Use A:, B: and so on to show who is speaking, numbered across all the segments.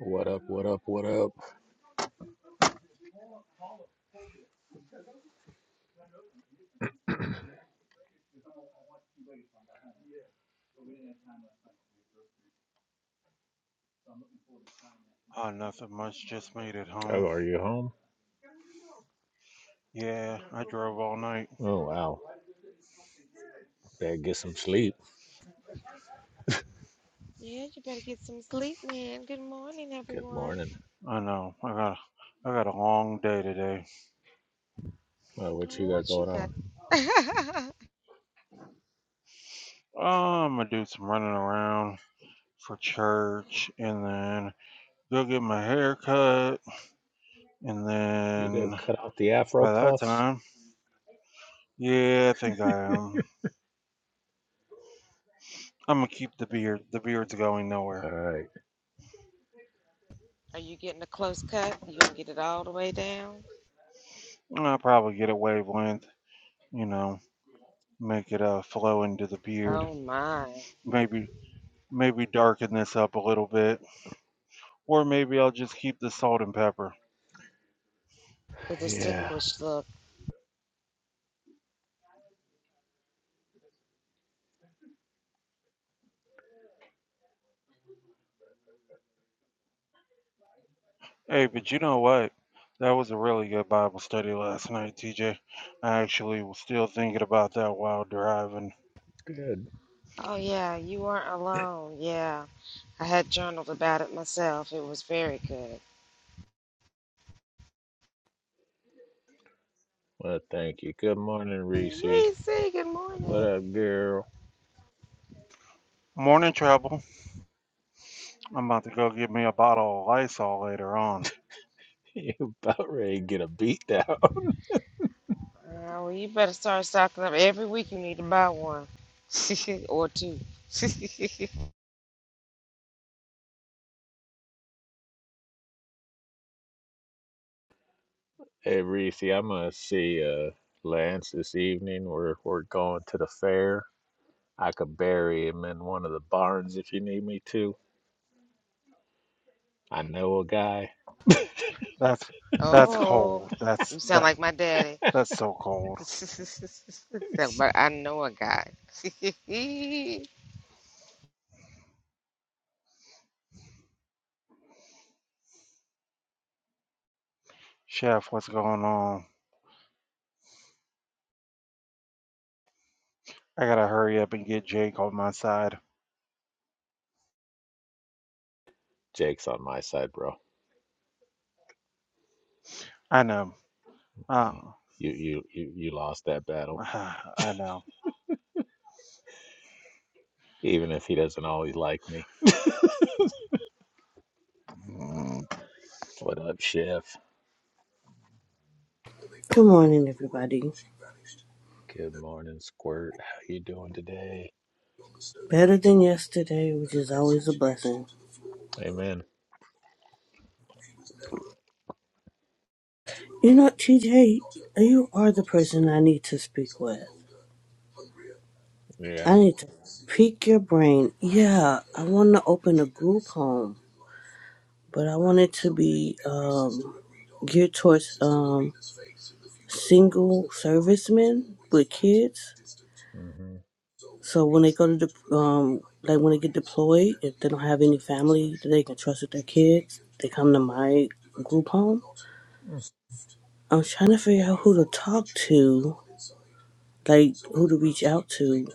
A: What up? What up? What up?
B: Oh, nothing much. Just made it
A: Oh,
B: home.
A: are you home?
B: Yeah, I drove all night.
A: Oh, wow. Better get some sleep.
C: Yeah, you better get some sleep, man. Good morning,
A: Good
C: everyone.
A: morning.
B: I know. I got I got a long day today.
A: Well, what you
C: Oh,
A: got
C: what you
A: going
C: got?
A: on?
B: Oh, I'm gonna do some running around for church, and then go get my hair cut, and
A: You gonna
B: then
A: cut out the afro
B: by that
A: puffs?
B: time, yeah, I think I am. I'm gonna keep the beard. The beard's going nowhere.
A: All right.
C: Are you getting a close cut? You gonna get it all the way down?
B: I'll probably get a wavelength. You know, make it uh flow into the beard.
C: Oh my,
B: Maybe maybe darken this up a little bit. Or maybe I'll just keep the salt and pepper.
C: the
A: Yeah.
C: distinguished look.
B: Hey, but you know what? That was a really good Bible study last night, TJ. I actually was still thinking about that while driving.
A: Good.
C: Oh yeah, you weren't alone. Yeah, I had journaled about it myself. It was very good.
A: Well, thank you. Good morning, Reese.
C: Reese, good
A: What
C: morning.
A: up, girl?
B: Morning travel. I'm about to go get me a bottle of Lysol later on.
A: You about ready to get a beat down?
C: Uh, well, you better start stocking up. Every week you need to buy one or two.
A: Hey, Reese, I'm gonna see uh Lance this evening. We're we're going to the fair. I could bury him in one of the barns if you need me to. I know a guy.
B: That's that's
C: oh,
B: cold. That's
C: you sound
B: that
C: like my daddy.
B: that's so cold.
C: but I know a guy.
B: Chef, what's going on? I gotta hurry up and get Jake on my side.
A: Jake's on my side, bro.
B: I know. Uh,
A: You you you, you lost that battle,
B: I know.
A: even if he doesn't always like me. What up, Chef?
D: Good morning, everybody.
A: Good morning, Squirt. How you doing today?
D: Better than yesterday, which is always a blessing.
A: Amen.
D: You know, TJ, you are the person I need to speak with.
A: Yeah.
D: I need to pick your brain. Yeah, I want to open a group home, but I want it to be um, geared towards um, single servicemen with kids.
A: hmm
D: So when they go to the, um, like when they get deployed, if they don't have any family that they can trust with their kids, they come to my group home I'm trying to figure out who to talk to, like who to reach out to.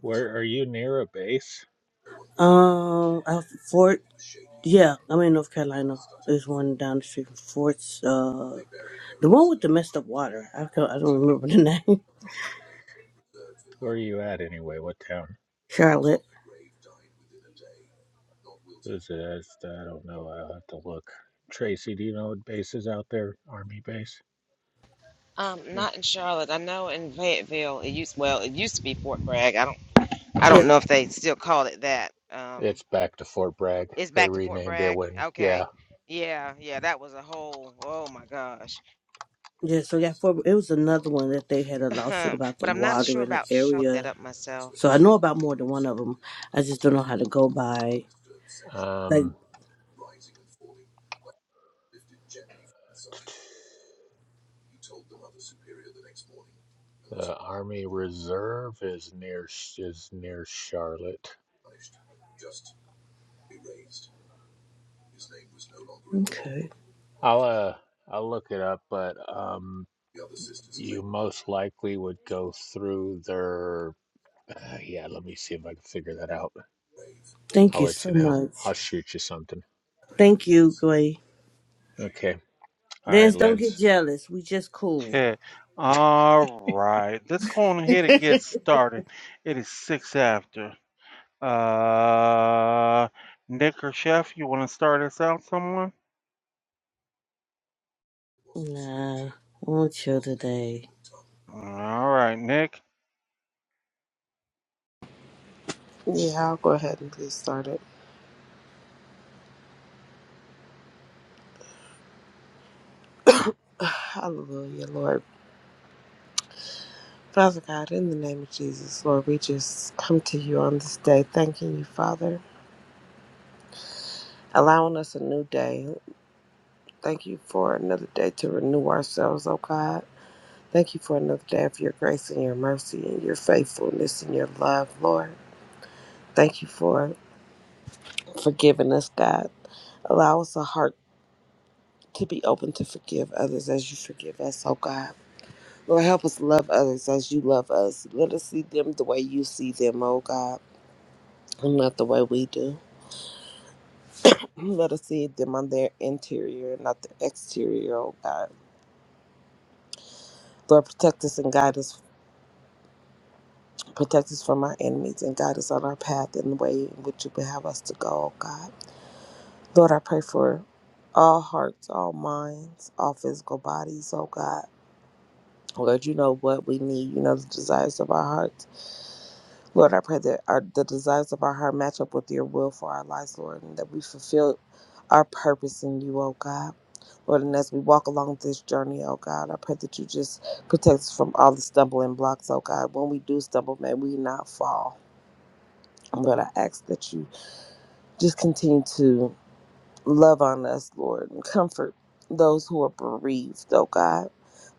A: Where are you near a base?
D: Um, I Fort. Yeah, I'm in North Carolina. There's one down the street from Fort's. Uh, the one with the messed up water. I can I don't remember the name.
A: Where are you at anyway? What town?
D: Charlotte.
A: What Is it? it's- I don't know. I'll have to look. Tracy, do you know what base is out there? Army base?
C: um,
A: Yeah.
C: not in Charlotte. I know in Fayetteville. It used well. It used to be Fort Bragg. I don't. I don't
D: Yeah.
C: know if they still call it that. Um,
A: It's back to Fort Bragg.
C: it's
A: They
C: back to Fort
A: renamed it
C: Bragg.
A: when, yeah.
C: Okay. Yeah, yeah. That was a whole. Oh my gosh.
D: Yeah, so yeah, for it was another one that they had a lawsuit
C: but
D: about the
C: I'm not
D: water
C: sure
D: in the
C: about Charlotte. Look That
D: area.
C: up myself.
D: So I know about more than one of them. I just don't know how to go by. Like,
A: Um, The Army Reserve is near is near Charlotte.
D: okay,
A: I'll uh I'll look it up, but um you most likely would go through their uh, yeah, let me see if I can figure that out.
D: thank
A: I'll
D: you
A: let you
D: so
A: know. I'll
D: much.
A: shoot you something.
D: Thank you, Gray.
A: Okay. All right,
D: Lance, don't get
A: Lance.
D: jealous. We just cool.
B: Okay. All right. Let's go on ahead and get started. It is six after. Uh, Nick or Chef, you want to start us out, someone?
D: Nah, I want to chill today.
B: All right, Nick.
E: Yeah, I'll go ahead and get started. Hallelujah, Lord. Father God, in the name of Jesus, Lord, we just come to you on this day, thanking you, Father, allowing us a new day. Thank you for another day to renew ourselves, oh God. Thank you for another day of your grace and your mercy and your faithfulness and your love, Lord. Thank you for forgiving us, God. Allow us a heart to be open to forgive others as you forgive us, oh God. Lord, help us love others as you love us. Let us see them the way you see them, oh God, and not the way we do. Let us see them on their interior, not the exterior, oh God. Lord, protect us and guide us. Protect us from our enemies and guide us on our path and the way in which you would have us to go, oh God. Lord, I pray for all hearts, all minds, all physical bodies, oh God. Lord, you know what we need. You know the desires of our hearts. Lord, I pray that our, the desires of our heart match up with your will for our lives, Lord, and that we fulfill our purpose in you, oh God. Lord, and as we walk along this journey, oh God, I pray that you just protect us from all the stumbling blocks, oh God. When we do stumble, may we not fall. But I ask that you just continue to love on us, Lord, and comfort those who are bereaved, oh God,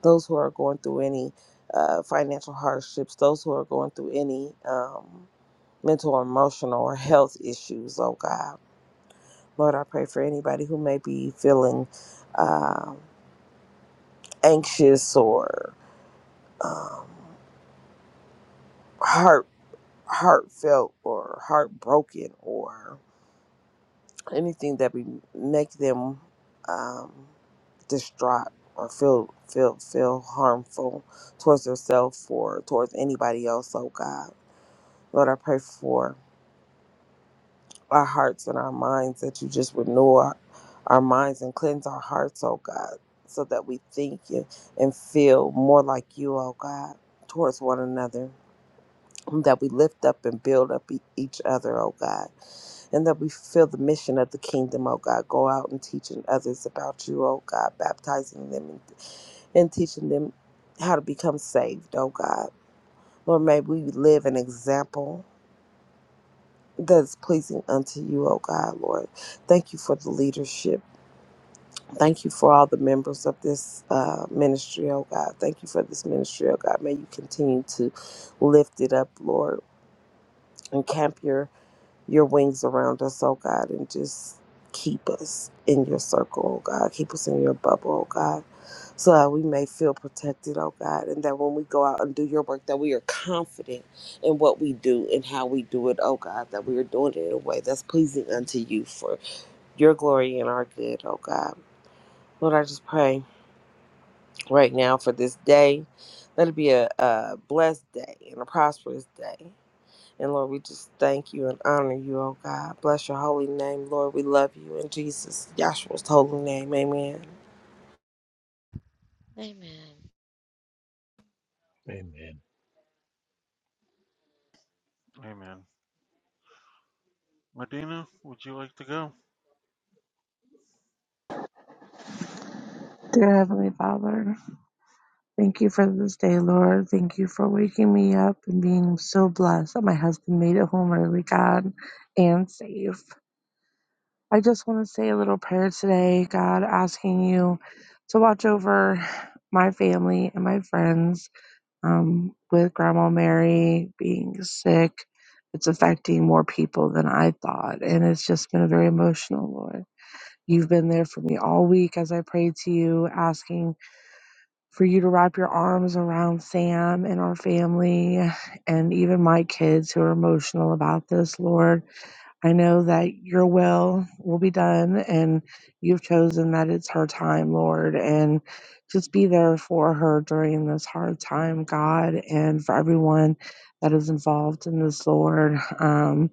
E: those who are going through any uh, financial hardships, those who are going through any. um, mental or emotional or health issues, oh God. Lord, I pray for anybody who may be feeling um anxious or um, heart heartfelt or heartbroken or anything that we make them um, distraught or feel feel feel harmful towards themselves or towards anybody else, oh God. Lord, I pray for our hearts and our minds, that you just renew our, our minds and cleanse our hearts, oh God, so that we think you and feel more like you, oh God, towards one another, that we lift up and build up e- each other, oh God, and that we feel the mission of the kingdom, oh God, go out and teaching others about you, oh God, baptizing them and, and teaching them how to become saved, oh God. Lord, may we live an example that's pleasing unto you, O God, Lord. Thank you for the leadership. Thank you for all the members of this uh, ministry, O God. Thank you for this ministry, O God. May you continue to lift it up, Lord, and camp your your wings around us, oh God, and just keep us in your circle, oh God. Keep us in your bubble, oh God, so that we may feel protected, oh God, and that when we go out and do your work, that we are confident in what we do and how we do it, oh God, that we are doing it in a way that's pleasing unto you for your glory and our good, oh God. Lord, I just pray right now for this day. Let it be a, a blessed day and a prosperous day. And Lord, we just thank you and honor you, oh God. Bless your holy name, Lord. We love you in Jesus, Yahshua's holy name. Amen.
C: Amen.
A: Amen.
B: Amen. Medina, would you like to go?
F: Dear Heavenly Father, thank you for this day, Lord. Thank you for waking me up and being so blessed that my husband made it home early, God, and safe. I just want to say a little prayer today, God, asking you to watch over my family and my friends um, with Grandma Mary being sick. It's affecting more people than I thought, and it's just been very emotional, Lord. You've been there for me all week as I prayed to you, asking for you to wrap your arms around Sam and our family and even my kids who are emotional about this, Lord. I know that your will will be done and you've chosen that it's her time, Lord. And just be there for her during this hard time, God, and for everyone that is involved in this, Lord. Um,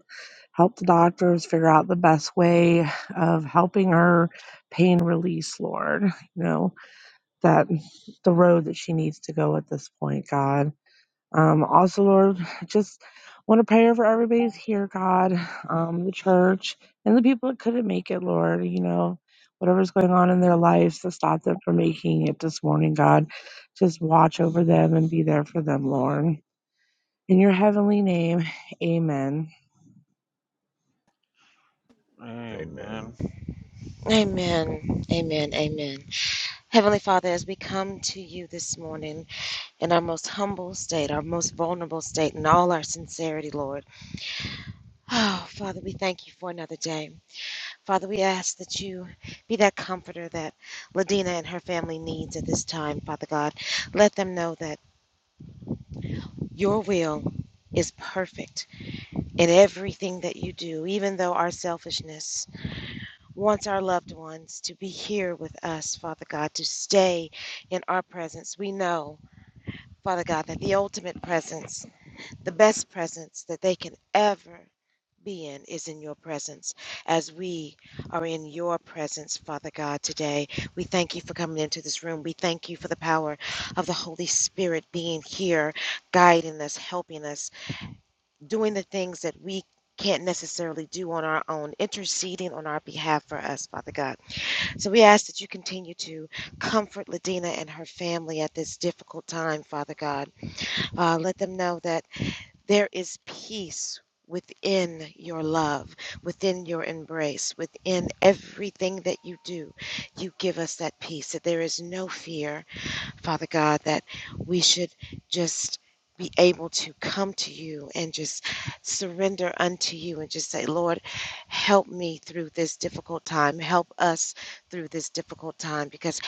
F: help the doctors figure out the best way of helping her pain release, Lord. You know, that the road that she needs to go at this point, God. Um, also, Lord, just want to pray over everybody's here, God, um, the church and the people that couldn't make it, Lord, you know, whatever's going on in their lives to stop them from making it this morning, God. Just watch over them and be there for them, Lord. In your heavenly name, amen.
B: Amen.
A: Amen.
C: Amen. Amen. Amen. Heavenly Father, as we come to you this morning. in our most humble state, our most vulnerable state, in all our sincerity, Lord. Oh, Father, we thank you for another day. Father, we ask that you be that comforter that Ladina and her family needs at this time, Father God. Let them know that your will is perfect in everything that you do, even though our selfishness wants our loved ones to be here with us, Father God, to stay in our presence. We know, Father God, that the ultimate presence The best presence that they can ever be in is in your presence. As we are in your presence, Father God, today, we thank you for coming into this room. We thank you for the power of the Holy Spirit being here, guiding us, helping us, doing the things that we can't necessarily do on our own, interceding on our behalf for us, Father God. So we ask that you continue to comfort Ladina and her family at this difficult time, Father God. Uh, let them know that. There is peace within your love, within your embrace, within everything that you do. You give us that peace, that there is no fear, Father God, that we should just be able to come to you and just surrender unto you and just say, Lord, help me through this difficult time. Help us through this difficult time because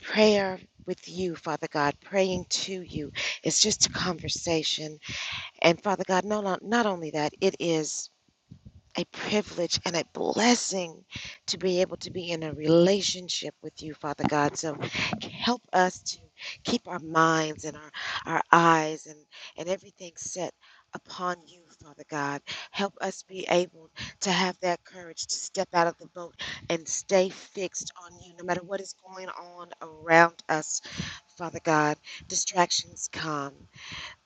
C: prayer with you, Father God, praying to you, is just a conversation and Father God, no, not, not only that, it is a privilege and a blessing to be able to be in a relationship with you, Father God. So help us to keep our minds and our, our eyes and, and everything set upon you, Father God. Help us be able to have that courage to step out of the boat and stay fixed on you, no matter what is going on around us, Father God. Distractions come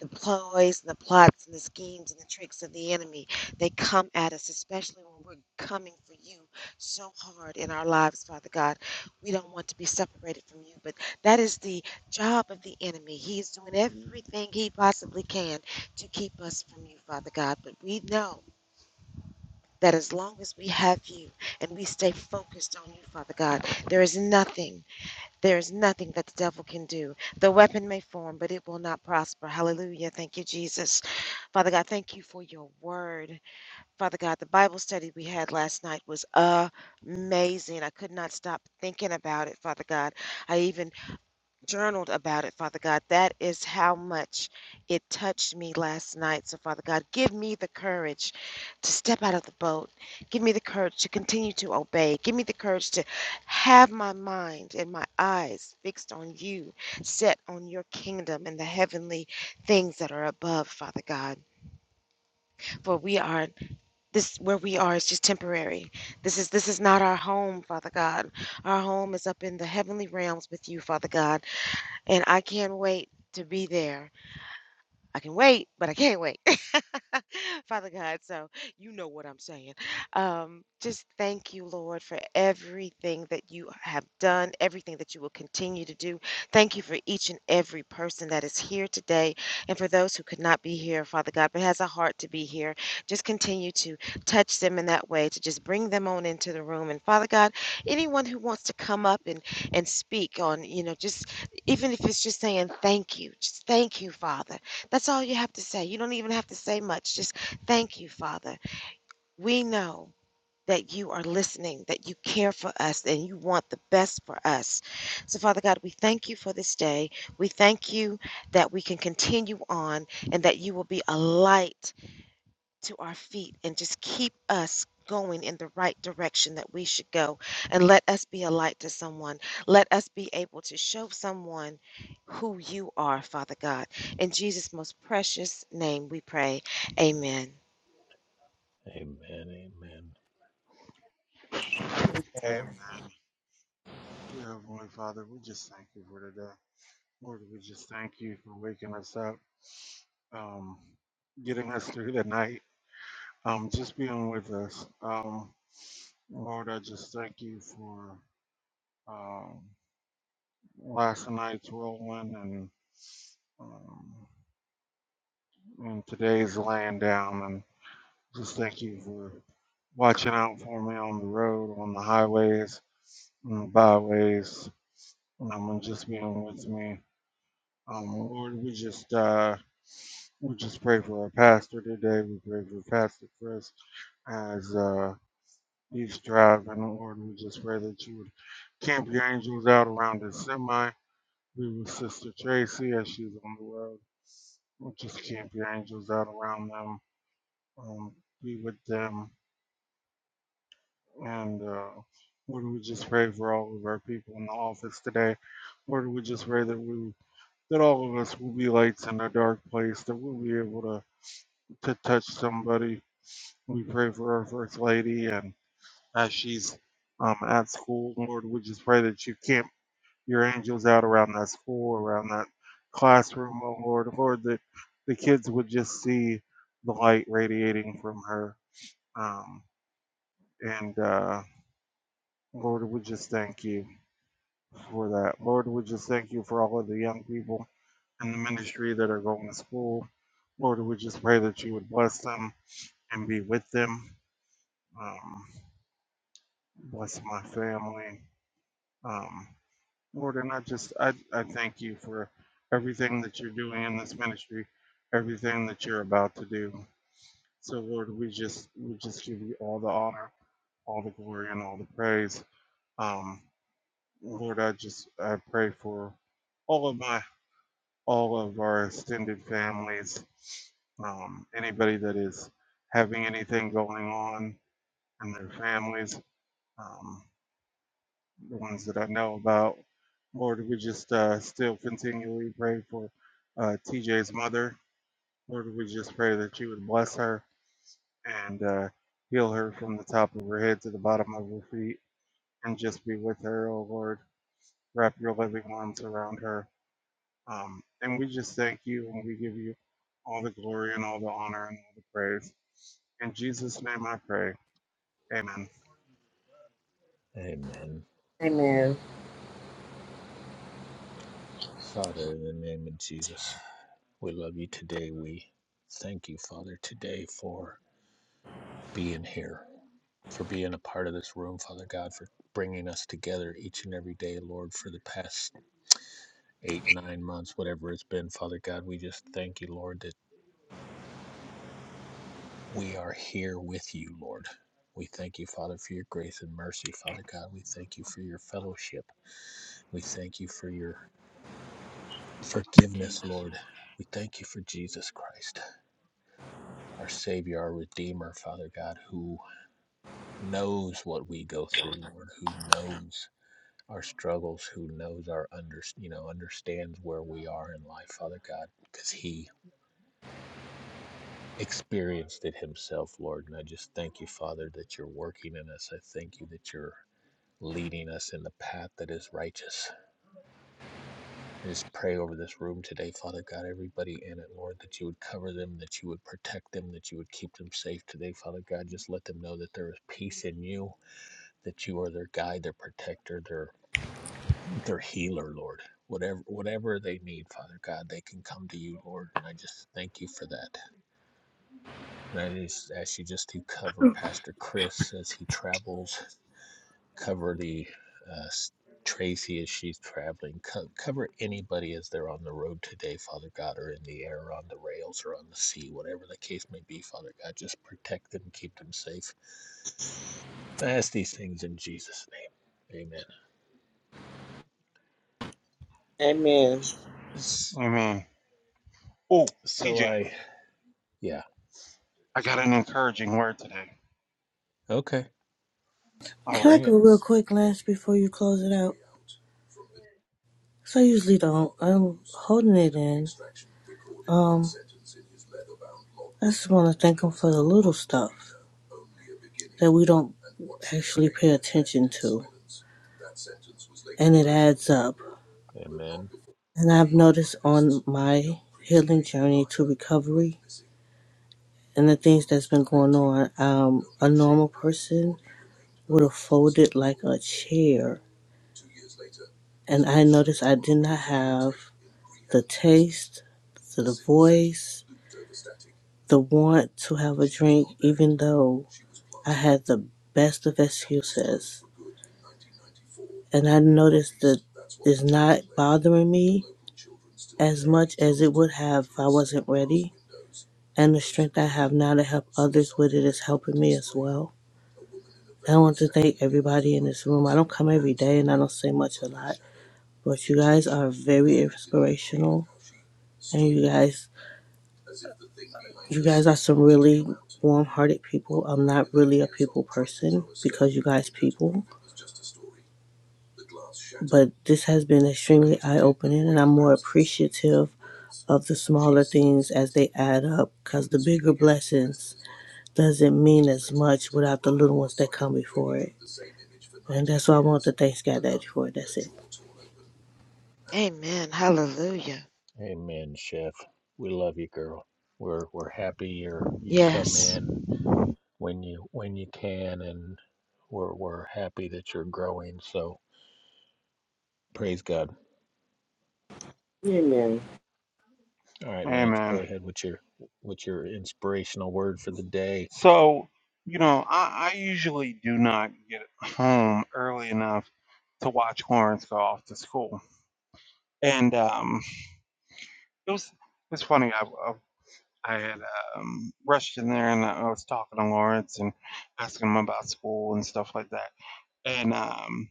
C: the ploys and the plots and the schemes and the tricks of the enemy. They come at us, especially when we're coming for you so hard in our lives, Father God. We don't want to be separated from you, but that is the job of the enemy. He is doing everything he possibly can to keep us from you, Father God. But we know. That as long as we have you and we stay focused on you, Father God, there is nothing there is nothing that the devil can do. The weapon may form, but it will not prosper. Hallelujah. Thank you, Jesus. Father God, thank you for your word. Father God, the Bible study we had last night was amazing. I could not stop thinking about it, Father God. I even journaled about it, Father God. That is how much it touched me last night. So, Father God, give me the courage to step out of the boat. Give me the courage to continue to obey. Give me the courage to have my mind and my eyes fixed on you, set on your kingdom and the heavenly things that are above, Father God. For we are this where we are is just temporary. This is this is not our home, Father God. Our home is up in the heavenly realms with you, Father God and I can't wait to be there. I can wait, but I can't wait. Father God, so you know what I'm saying. Um, just thank you, Lord, for everything that you have done, everything that you will continue to do. Thank you for each and every person that is here today, and for those who could not be here, Father God, but has a heart to be here. Just continue to touch them in that way, to just bring them on into the room. And Father God, anyone who wants to come up and and speak on, you know, just even if it's just saying thank you, just thank you, Father. That's all you have to say. You don't even have to say much. Just thank you, Father. We know that you are listening, that you care for us, and you want the best for us. So, Father God, we thank you for this day. We thank you that we can continue on and that you will be a light to our feet and just keep us going in the right direction that we should go. And let us be a light to someone. Let us be able to show someone who you are, Father God. In Jesus' most precious name we pray. Amen.
A: Amen. Amen.
B: Amen. Dear Heavenly Father, we just thank you for today. Lord, we just thank you for waking us up, um, getting us through the night, um, just being with us. Um, Lord, I just thank you for Um, last night's rolling and um, and today's laying down. And just thank you for watching out for me on the road, on the highways, on the byways, um, and just being with me. Um, Lord, we just uh, we just pray for our pastor today. We pray for Pastor Chris as uh, he's driving. Lord, we just pray that you would camp your angels out around his semi. Be with Sister Tracy as she's on the road. We'll just camp your angels out around them, um, be with them, and uh, Lord, we just pray for all of our people in the office today. Lord, we just pray that we that all of us will be lights in a dark place, that we'll be able to to touch somebody. We pray for our first lady, and as she's um, at school, Lord, we just pray that you camp your angels out around that school, around that classroom, oh Lord, Lord, that the kids would just see the light radiating from her Um, and uh, Lord, we just thank you for that. Lord, we just thank you for all of the young people in the ministry that are going to school. Lord, we just pray that you would bless them and be with them. Um, bless my family. Um, Lord, and I just, I, I thank you for everything that you're doing in this ministry, everything that you're about to do. So Lord, we just, we just give you all the honor, all the glory, and all the praise. Um, Lord, I just I pray for all of my all of our extended families, um, anybody that is having anything going on in their families, um, the ones that I know about. Lord, we just uh, still continually pray for uh, TJ's mother. Lord, we just pray that you would bless her and uh, heal her from the top of her head to the bottom of her feet and just be with her, oh Lord. Wrap your loving arms around her Um, and we just thank you and we give you all the glory and all the honor and all the praise. In Jesus' name I pray. Amen.
A: Amen.
E: Amen.
A: Father, in the name of Jesus, we love you today. We thank you, Father, today for being here. for being a part of this room, Father God, for bringing us together each and every day, Lord, for the past eight, nine months, whatever it's been, Father God. We just thank you, Lord, that we are here with you, Lord. We thank you, Father, for your grace and mercy, Father God. We thank you for your fellowship. We thank you for your forgiveness, Lord. We thank you for Jesus Christ, our Savior, our Redeemer, Father God, who knows what we go through, Lord, who knows our struggles, who knows our under, you know, understands where we are in life, Father God, because He experienced it Himself, Lord. And I just thank you, Father, that you're working in us. I thank you that you're leading us in the path that is righteous. I just pray over this room today, Father God, everybody in it, Lord, that you would cover them, that you would protect them, that you would keep them safe today, Father God. Just let them know that there is peace in you, that you are their guide, their protector, their their healer, Lord. Whatever whatever they need, Father God, they can come to you, Lord. And I just thank you for that. And I just ask you just to cover Pastor Chris as he travels, cover the uh, Tracy as she's traveling, co- cover anybody as they're on the road today, Father God, or in the air, or on the rails, or on the sea, whatever the case may be, Father God. Just protect them, keep them safe. I ask these things in Jesus' name. Amen.
E: Amen.
B: Amen. Oh,
A: So
B: TJ,
A: I, yeah,
B: I got an encouraging word today.
A: okay,
B: All
D: Can
B: right.
D: I
A: bring it.
D: go real quick, Lance, before you close it out? So I usually don't. I'm holding it in. Um, I just want to thank him for the little stuff that we don't actually pay attention to, and it adds up.
A: Amen.
D: And I've noticed on my healing journey to recovery and the things that's been going on. Um, a normal person would have folded like a chair. And I noticed I did not have the taste, the voice, the want to have a drink, even though I had the best of excuses. And I noticed that it's not bothering me as much as it would have if I wasn't ready. And the strength I have now to help others with it is helping me as well. I want to thank everybody in this room. I don't come every day and I don't say much a lot, but you guys are very inspirational and you guys you guys are some really warm-hearted people. I'm not really a people person because you guys people, but this has been extremely eye-opening and I'm more appreciative of the smaller things as they add up cuz the bigger blessings doesn't mean as much without the little ones that come before it. And that's why I want to thank Sky Daddy for. it. That's it.
C: Amen. Hallelujah.
A: Amen, Chef. We love you, girl. We're we're happy you're you come
C: Yes.
A: in when you when you can and we're we're happy that you're growing. So praise God.
E: Amen.
A: All right, Lance, go
B: Amen.
A: ahead with your with your inspirational word for the day.
B: So, you know, I, I usually do not get home early enough to watch Lawrence go off to school. And um, it was it was funny. I, I, I had um, rushed in there and I was talking to Lawrence and asking him about school and stuff like that. and um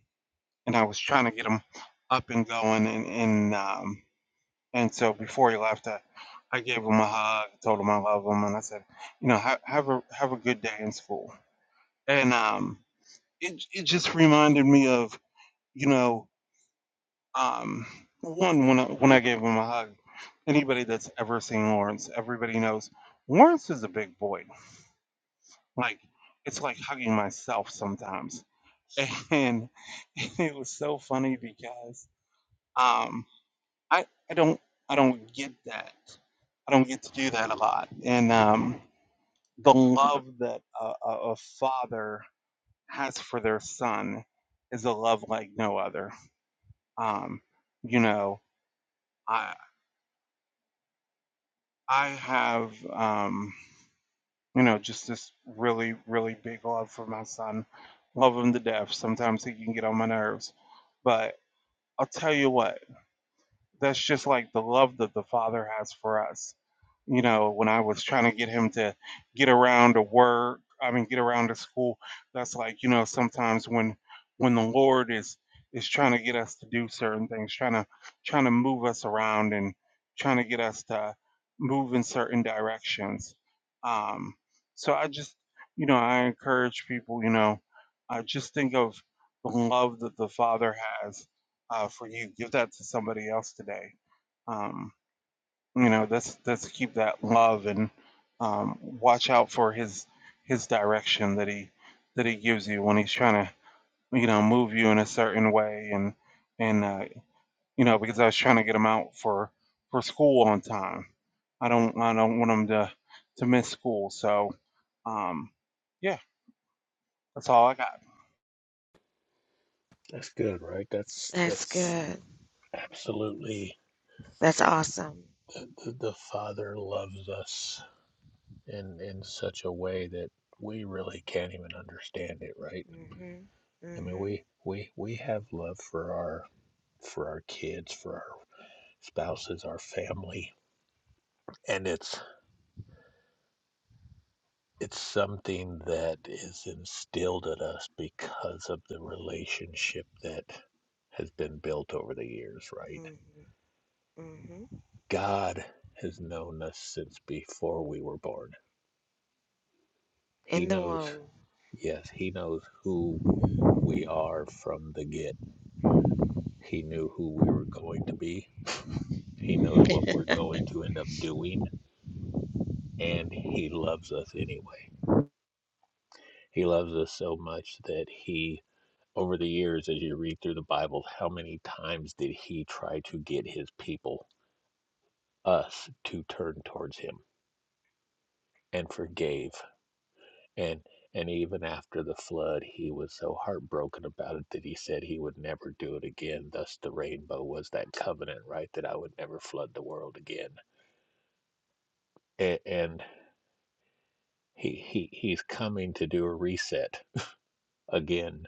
B: and I was trying to get him up and going and and um and so before he left I, I gave him a hug, told him I love him and I said, you know, ha- have a have a good day in school. And um it it just reminded me of, you know, um one when I when I gave him a hug, anybody that's ever seen Lawrence, everybody knows Lawrence is a big boy. Like it's like hugging myself sometimes. And it was so funny because um I, I don't I don't get that. I don't get to do that a lot. And um, the love that a, a, a father has for their son is a love like no other. Um, you know, I I have um, you know just this really really big love for my son. Love him to death. Sometimes he can get on my nerves, but I'll tell you what. that's just like the love that the Father has for us. You know, when I was trying to get him to get around to work, I mean, get around to school, that's like you know sometimes when when the Lord is is trying to get us to do certain things, trying to trying to move us around and trying to get us to move in certain directions. Um, so I just you know I encourage people, you know, uh, just think of the love that the Father has uh, for you. Give that to somebody else today. Um, you know, let's let's keep that love and um, watch out for his his direction that he that he gives you when he's trying to you know move you in a certain way and and uh, you know because I was trying to get him out for for school on time. I don't I don't want him to to miss school. So um, yeah, that's all I got.
A: That's good, right? That's
C: That's
A: that's
C: good.
A: absolutely
C: That's awesome.
A: the, the the Father loves us in in such a way that we really can't even understand it, right?
C: Mm Mhm.
A: I mean,
C: Mm
A: we we we have love for our for our kids, for our spouses, our family. And it's it's something that is instilled in us because of the relationship that has been built over the years, right?
C: Mhm. Mhm. Mhm.
A: God has known us since before we were born. He
C: In the
A: knows,
C: womb.
A: yes, he knows who we are from the get. He knew who we were going to be. He knows what we're going to end up doing, and he loves us anyway. He loves us so much that he, over the years, as you read through the Bible, how many times did he try to get his people, us, to turn towards him and forgave? And and even after the flood, he was so heartbroken about it that he said he would never do it again. Thus, the rainbow was that covenant, right? That I would never flood the world again. And, and he, he he's coming to do a reset again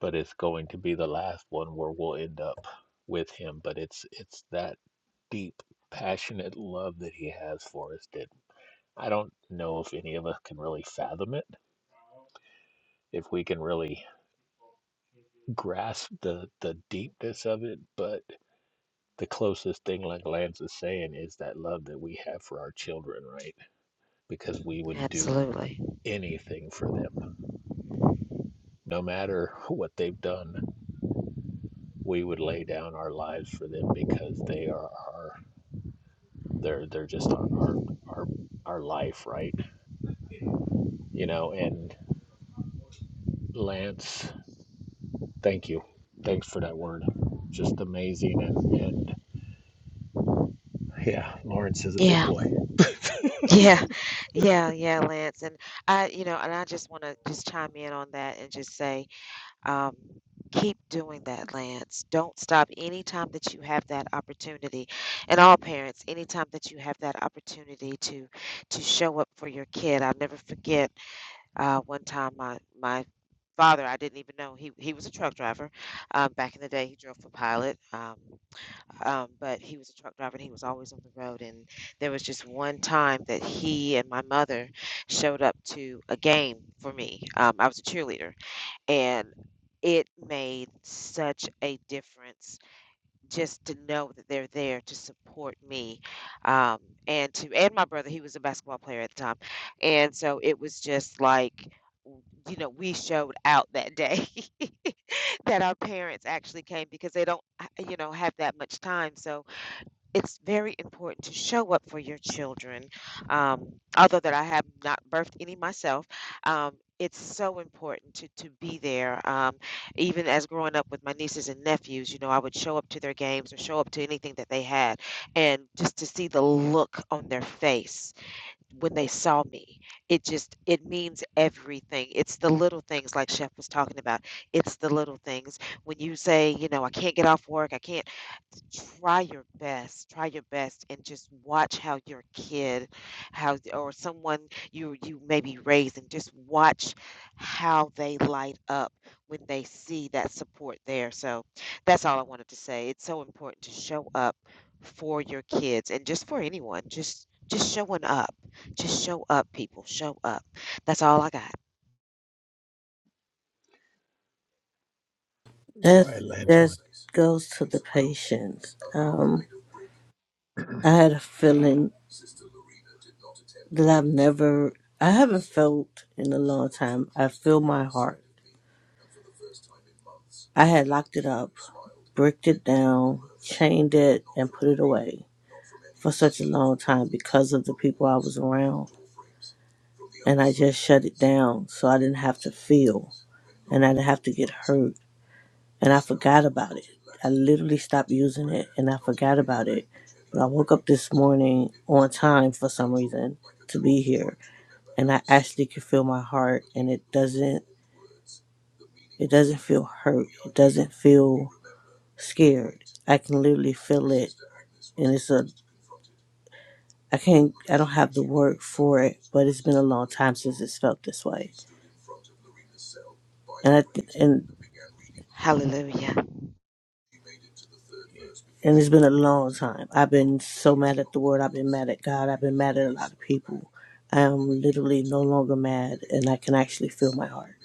A: but it's going to be the last one where we'll end up with him. But it's it's that deep, passionate love that he has for us that I don't know if any of us can really fathom it, if we can really grasp the the deepness of it. But the closest thing, like Lance is saying, is that love that we have for our children, right? Because we would do
C: Absolutely.
A: anything for them, no matter what they've done. We would lay down our lives for them because they are our They're they're just our our our our life, right? You know, and Lance, thank you. Thanks for that word. Just amazing and and yeah, Lawrence is a big
C: Yeah.
A: boy.
C: Yeah, yeah, yeah, Lance. And I, you know, and I just want to just chime in on that and just say, um, keep doing that, Lance. Don't stop anytime that you have that opportunity. And all parents, anytime that you have that opportunity to to show up for your kid. I'll never forget uh, one time my my father, I didn't even know he he was a truck driver. Um, back in the day, he drove for Pilot. Um, um, but he was a truck driver and he was always on the road. And there was just one time that he and my mother showed up to a game for me. Um, I was a cheerleader, and it made such a difference just to know that they're there to support me um, and to and my brother he was a basketball player at the time and so it was just like you know we showed out that day that our parents actually came because they don't you know have that much time so it's very important to show up for your children. Um, although that I have not birthed any myself, um, it's so important to, to be there. Um, even as growing up with my nieces and nephews, you know, I would show up to their games or show up to anything that they had. And just to see the look on their face when they saw me, it just, it means everything. It's the little things like Chef was talking about. It's the little things. When you say, you know, I can't get off work, I can't try your best try your best and just watch how your kid how or someone you you may be raising just watch how they light up when they see that support there so that's all i wanted to say it's so important to show up for your kids and just for anyone just just showing up just show up people show up that's all i got
A: All
D: That
A: right, Lance, you
D: that
A: want
D: goes to the patients. Um, I had a feeling that I've never, I haven't felt in a long time. I feel my heart. I had locked it up, bricked it down, chained it, and put it away for such a long time because of the people I was around, and I just shut it down so I didn't have to feel and I didn't have to get hurt. and I forgot about it. I literally stopped using it and I forgot about it. But I woke up this morning on time for some reason to be here and I actually can feel my heart and it doesn't it doesn't feel hurt. It doesn't feel scared. I can literally feel it and it's a I can't I don't have the word for it, but it's been a long time since it's felt this way. And I th- and
C: hallelujah
A: yeah.
D: And it's been a long time. I've been so mad at the world. I've been mad at God. I've been mad at a lot of people. I am literally no longer mad, and I can actually feel my heart.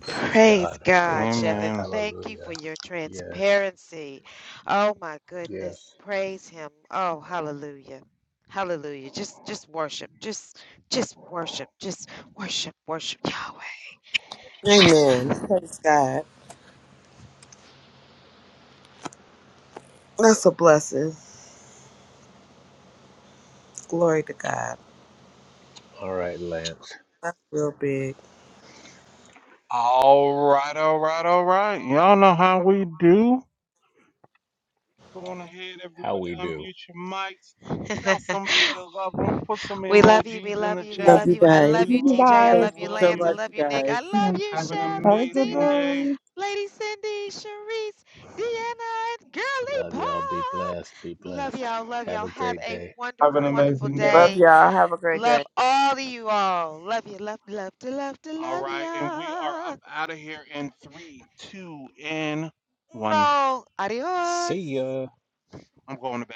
A: praise
C: Praise
A: God. Praise
C: God, Chef,
A: God.
C: and
B: Amen.
C: thank you
A: Hallelujah.
C: for your
A: Yes.
C: transparency. Oh my goodness,
A: Yes.
C: praise Him. Oh, hallelujah, hallelujah. Just, just worship, just, just worship, just worship, worship
E: Amen.
C: Yahweh.
E: Praise God. That's a blessing. Glory to God.
A: All right, Lance.
E: That's real big.
B: All right, all right, all right. Y'all know how we do. Go on ahead,
A: How
B: everybody.
A: we do.
B: Unmute your mics. Tell somebody you love them. Put some
C: we love you, we
B: emojis in
C: love
B: the
C: you, we
B: chat.
D: Love
F: Yes.
C: love
D: you
C: you. I
D: guys.
B: We
C: love
F: Thank
C: you,
F: you
B: love
C: TJ.
B: you.
C: I
B: We
F: guys.
D: Thank
C: love you,
D: you
B: love
D: so
C: Lance.
B: you.
C: I
D: much,
C: love
D: you
C: you, Nick.
D: guys.
C: I love you,
B: Have an
C: Chef
F: Have a good
C: Ladina.
B: amazing
F: day.
B: day.
C: Lady Cindy, Sharice, Deanna, and Girly
A: Love y'all. Be
C: Pop.
A: blessed. Be
C: Love
A: blessed.
C: y'all. Love
A: Have
C: y'all.
A: a
C: Have
A: great
C: a
A: day.
B: Have an
C: wonderful, wonderful
B: amazing day.
E: Love
C: day.
E: y'all. Have a great
C: Love
E: day.
C: all of you all. Love you. Love, love, to love, to
B: All
C: love
B: right. And we are
C: ya.
B: up out of here in three, two, and one.
C: Uno.
A: See
C: Adios.
A: ya.
B: I'm going to bed.